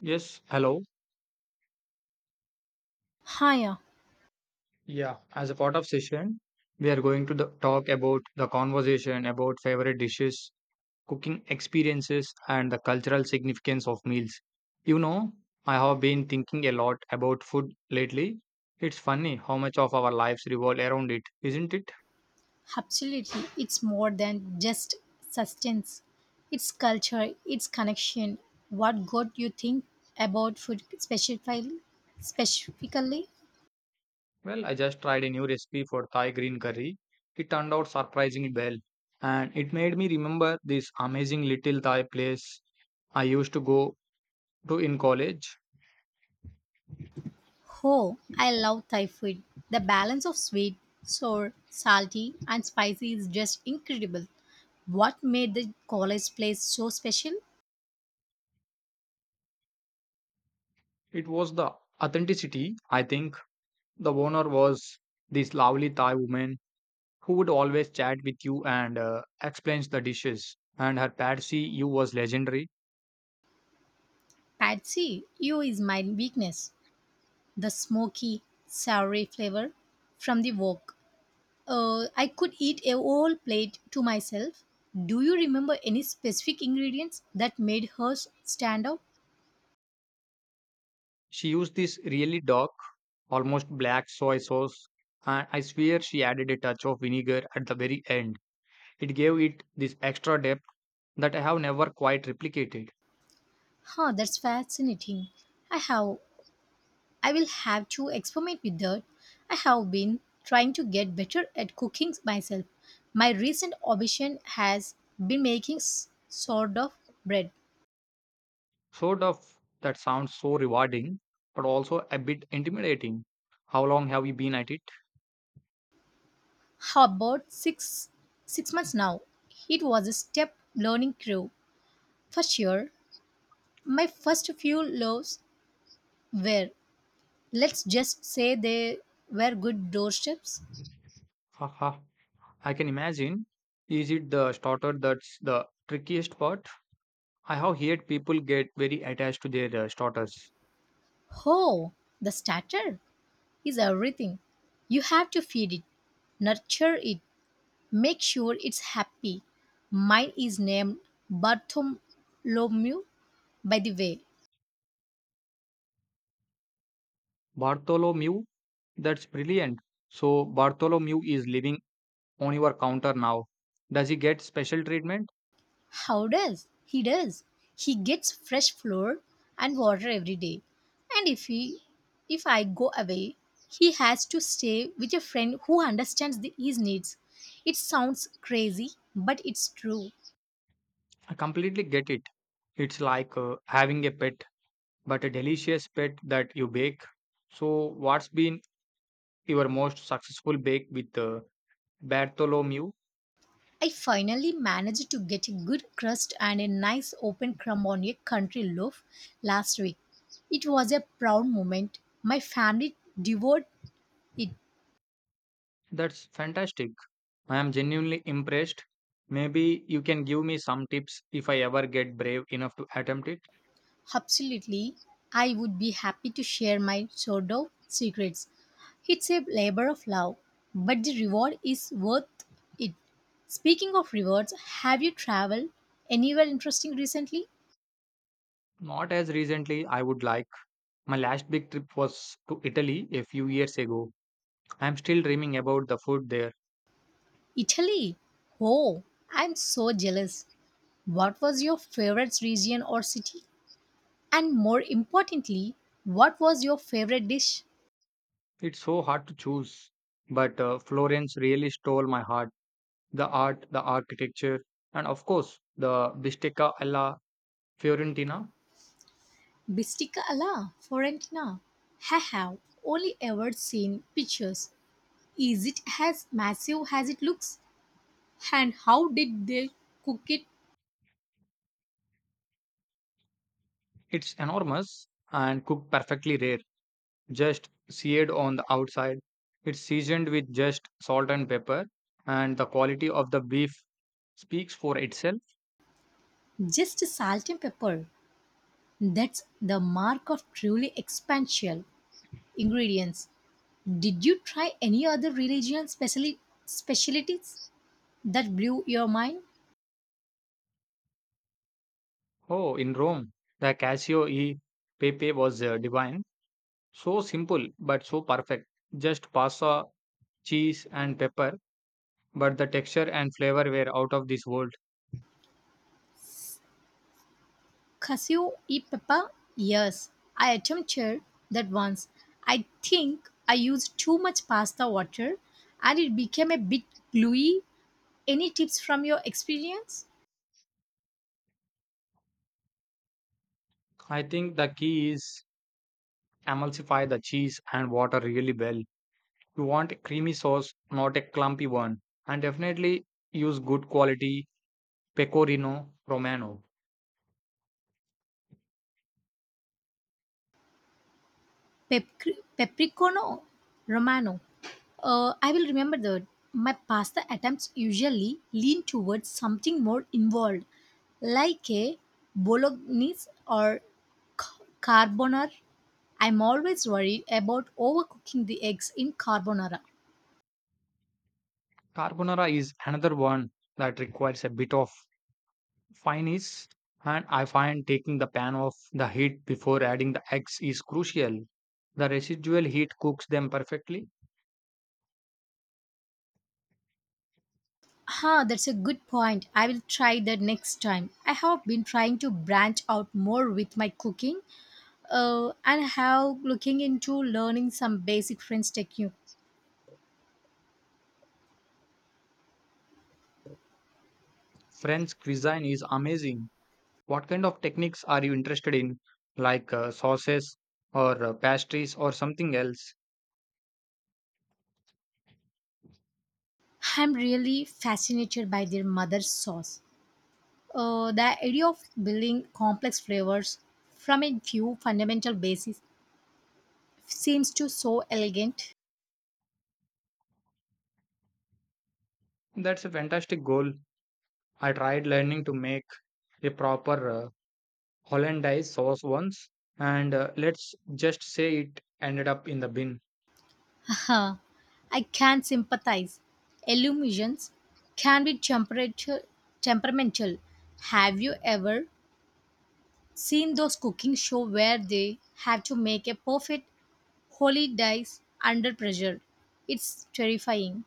Yes, hello. Yeah, Yeah, as a part of session, we are going to the talk about the conversation about favorite dishes, cooking experiences, and the cultural significance of meals. You know, I have been thinking a lot about food lately. It's funny how much of our lives revolve around it, isn't it? absolutely. It's more than just sustenance. It's culture, it's connection. What got you think about food specifically? Specifically, Well, I just tried a new recipe for Thai green curry. It turned out surprisingly well, and it made me remember this amazing little Thai place I used to go to in college. oh, I love Thai food. The balance of sweet, sour, salty, and spicy is just incredible. What made the college place so special? It was the authenticity. I think the owner was this lovely Thai woman who would always chat with you and explains the dishes. And her pad see ew was legendary. Patsy, you is my weakness. The smoky, soury flavor from the wok. I could eat a whole plate to myself. Do you remember any specific ingredients that made hers stand out? She used this really dark, almost black soy sauce, and I swear she added a touch of vinegar at the very end. It gave it this extra depth that I have never quite replicated. That's fascinating. I have I will have to experiment with that. I have been trying to get better at cooking myself. My recent obsession has been making sort of bread. Sort of that sounds so rewarding, but also a bit intimidating. How long have you been at it? How about six months now? It was a step learning curve for sure. My first few loaves were Let's just say they were good doorsteps. Haha. I can imagine. Is it the starter that's the trickiest part? I have heard people get very attached to their starters. Oh, the starter is everything. You have to feed it, nurture it, make sure it's happy. Mine is named Bartholomew, by the way. Bartholomew, that's brilliant. So Bartholomew is living on your counter now. Does he get special treatment? How does? He does. He gets fresh flour and water every day. And if I go away, he has to stay with a friend who understands his needs. It sounds crazy, but it's true. I completely get it. It's like having a pet, but a delicious pet that you bake. So what's been your most successful bake with Bartholomew? I finally managed to get a good crust and a nice open crumb on a country loaf last week. It was a proud moment. My family devoured it. That's fantastic. I am genuinely impressed. Maybe you can give me some tips if I ever get brave enough to attempt it. Absolutely, I would be happy to share my sourdough secrets. It's a labor of love, but the reward is worth it. Speaking of rewards, have you traveled anywhere interesting recently? Not as recently I would like. My last big trip was to Italy a few years ago. I am still dreaming about the food there. Italy. Oh, I'm so jealous. What was your favorite region or city? And more importantly, what was your favorite dish? It's so hard to choose. But Florence really stole my heart. The art, the architecture, and of course, the bistecca alla Fiorentina. Bistica alla Fiorentina. I have only ever seen pictures. Is it as massive as it looks? And how did they cook it? It's enormous and cooked perfectly rare, just seared on the outside. It's seasoned with just salt and pepper, and the quality of the beef speaks for itself. Just salt and pepper. That's the mark of truly expansion. Ingredients. Did you try any other regional specialties that blew your mind? Oh, in Rome, the Casio e Pepe was divine. So simple, but so perfect. Just pasta, cheese, and pepper, but the texture and flavor were out of this world. Cashew e pepper? Yes, I attempted that once. I think I used too much pasta water and it became a bit gluey. Any tips from your experience? I think the key is emulsify the cheese and water really well. You want a creamy sauce, not a clumpy one, and definitely use good quality Pecorino Romano. Peppercorno Romano. I will remember that. My pasta attempts usually lean towards something more involved, like a bolognese or carbonara. I'm always worried about overcooking the eggs in carbonara. Carbonara is another one that requires a bit of finesse, and I find taking the pan off the heat before adding the eggs is crucial. The residual heat cooks them perfectly. That's a good point. I will try that next time. I have been trying to branch out more with my cooking, and have looking into learning some basic French technique. French cuisine is amazing. What kind of techniques are you interested in, like sauces or pastries or something else? I'm really fascinated by their mother sauce. The idea of building complex flavors from a few fundamental bases seems to so elegant. That's a fantastic goal. I tried learning to make a proper hollandaise sauce once, and let's just say it ended up in the bin. Haha, I can sympathize. Illusions can be temperature temperamental. Have you ever seen those cooking shows where they have to make a perfect holy dice under pressure? It's terrifying.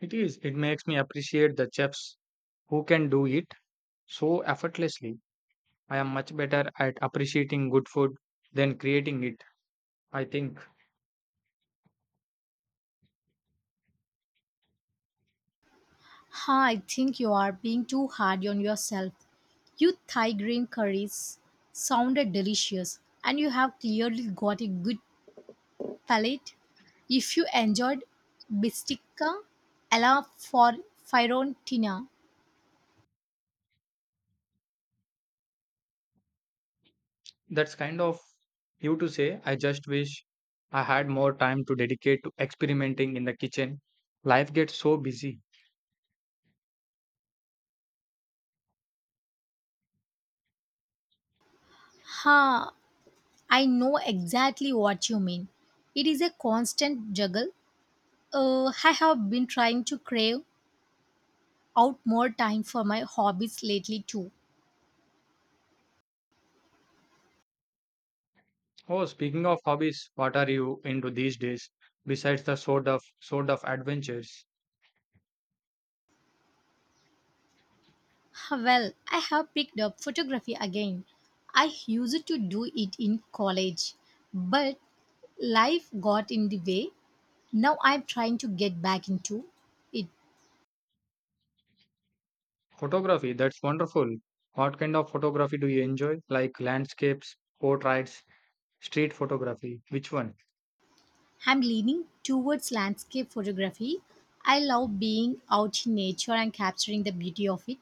It is. It makes me appreciate the chefs who can do it so effortlessly. I am much better at appreciating good food than creating it. I think Ha, I think you are being too hard on yourself. Your Thai green curries sounded delicious, and you have clearly got a good palate. If you enjoyed Bistica alla for Fiorentina, that's kind of you to say. I just wish I had more time to dedicate to experimenting in the kitchen. Life gets so busy. ha, I know exactly what you mean. It is a constant juggle. I have been trying to crave out more time for my hobbies lately too. Oh, speaking of hobbies, what are you into these days besides the sort of adventures? Well, I have picked up photography again. I used to do it in college, but life got in the way. Now I'm trying to get back into it. Photography, that's wonderful. What kind of photography do you enjoy? Like landscapes, portraits, street photography? Which one? I'm leaning towards landscape photography. I love being out in nature and capturing the beauty of it.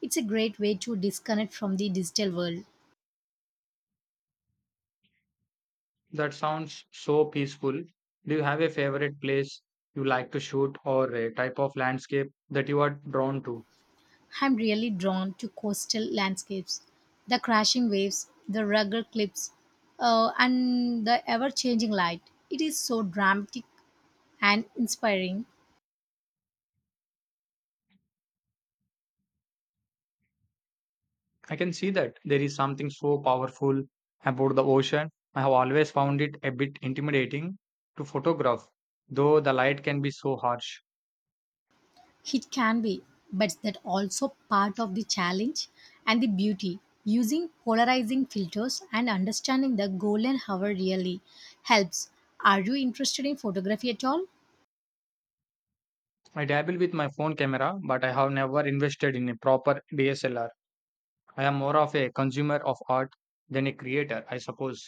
It's a great way to disconnect from the digital world. That sounds so peaceful. Do you have a favorite place you like to shoot or a type of landscape that you are drawn to? I'm really drawn to coastal landscapes, the crashing waves, the rugged cliffs, and the ever changing light. It is so dramatic and inspiring. I can see that there is something so powerful about the ocean. I have always found it a bit intimidating to photograph, though the light can be so harsh. It can be, but that also part of the challenge and the beauty. Using polarizing filters and understanding the golden hour really helps. Are you interested in photography at all? I dabble with my phone camera, but I have never invested in a proper DSLR. I am more of a consumer of art than a creator, I suppose.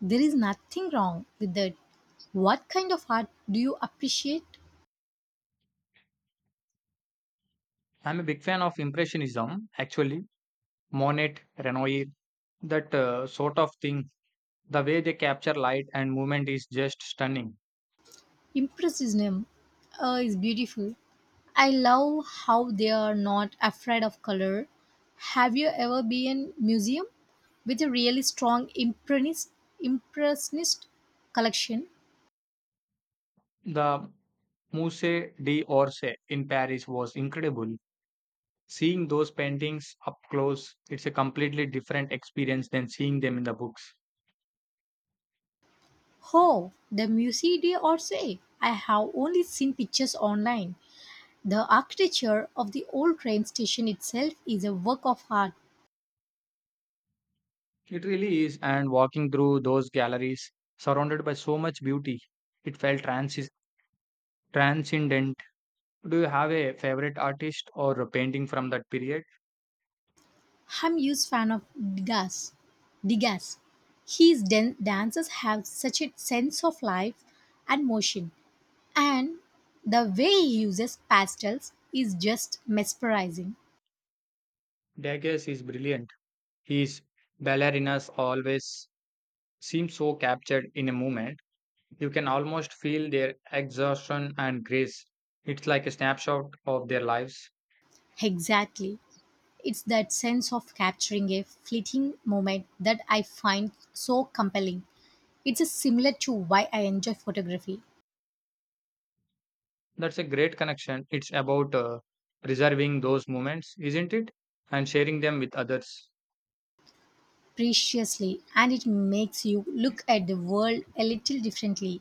There is nothing wrong with that. What kind of art do you appreciate? I'm a big fan of Impressionism, actually, Monet, Renoir, that sort of thing. The way they capture light and movement is just stunning. Impressionism is beautiful. I love how they are not afraid of color. Have you ever been in a museum with a really strong impressionist collection? The Musée d'Orsay in Paris was incredible. Seeing those paintings up close, it's a completely different experience than seeing them in the books. Oh, the Musée d'Orsay. I have only seen pictures online. The architecture of the old train station itself is a work of art. It really is, and walking through those galleries, surrounded by so much beauty, it felt transcendent. Do you have a favorite artist or a painting from that period? I'm huge fan of Degas. Degas. His dances have such a sense of life and motion, and the way he uses pastels is just mesmerizing. Degas is brilliant. His ballerinas always seem so captured in a moment. You can almost feel their exhaustion and grace. It's like a snapshot of their lives. Exactly. It's that sense of capturing a fleeting moment that I find so compelling. It's a similar to why I enjoy photography. That's a great connection. It's about preserving those moments, isn't it? And sharing them with others. Preciously and it makes you look at the world a little differently,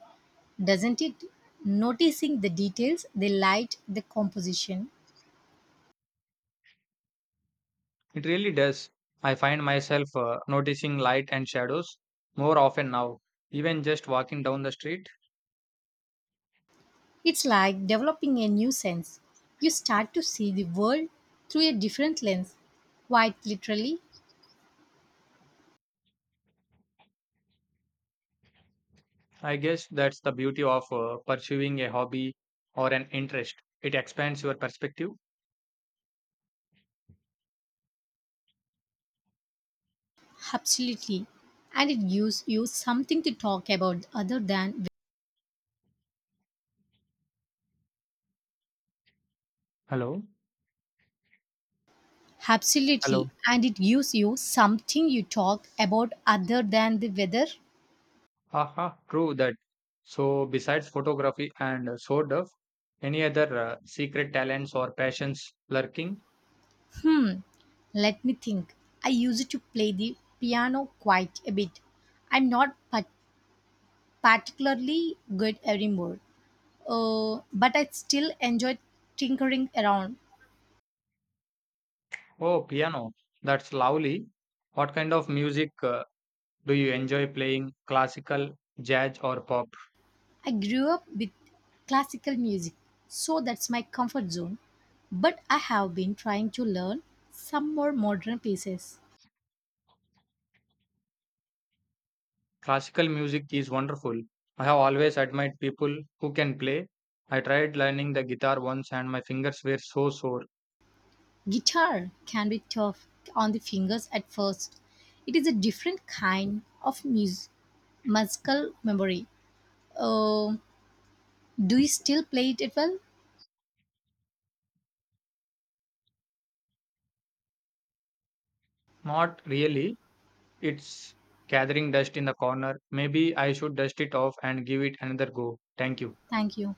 doesn't it? Noticing the details, the light, the composition. It really does. I find myself noticing light and shadows more often now, even just walking down the street. It's like developing a new sense. You start to see the world through a different lens, quite literally, I guess that's the beauty of pursuing a hobby or an interest. It expands your perspective. absolutely, and it gives you something to talk about other than Hello? absolutely, Hello? and it gives you something you talk about other than the weather. Aha, true that. So, besides photography and sword of, any other secret talents or passions lurking? Hmm, Let me think. I used to play the piano quite a bit. I'm not particularly good anymore, but I still enjoy tinkering around. Oh, piano. That's lovely. What kind of music do you enjoy playing? Classical, jazz, or pop? I grew up with classical music, so that's my comfort zone. But I have been trying to learn some more modern pieces. Classical music is wonderful. I have always admired people who can play. I tried learning the guitar once and my fingers were so sore. Guitar can be tough on the fingers at first. It is a different kind of musical memory. Uh, do you still play it well? Not really. It's gathering dust in the corner. Maybe I should dust it off and give it another go. Thank you. Thank you.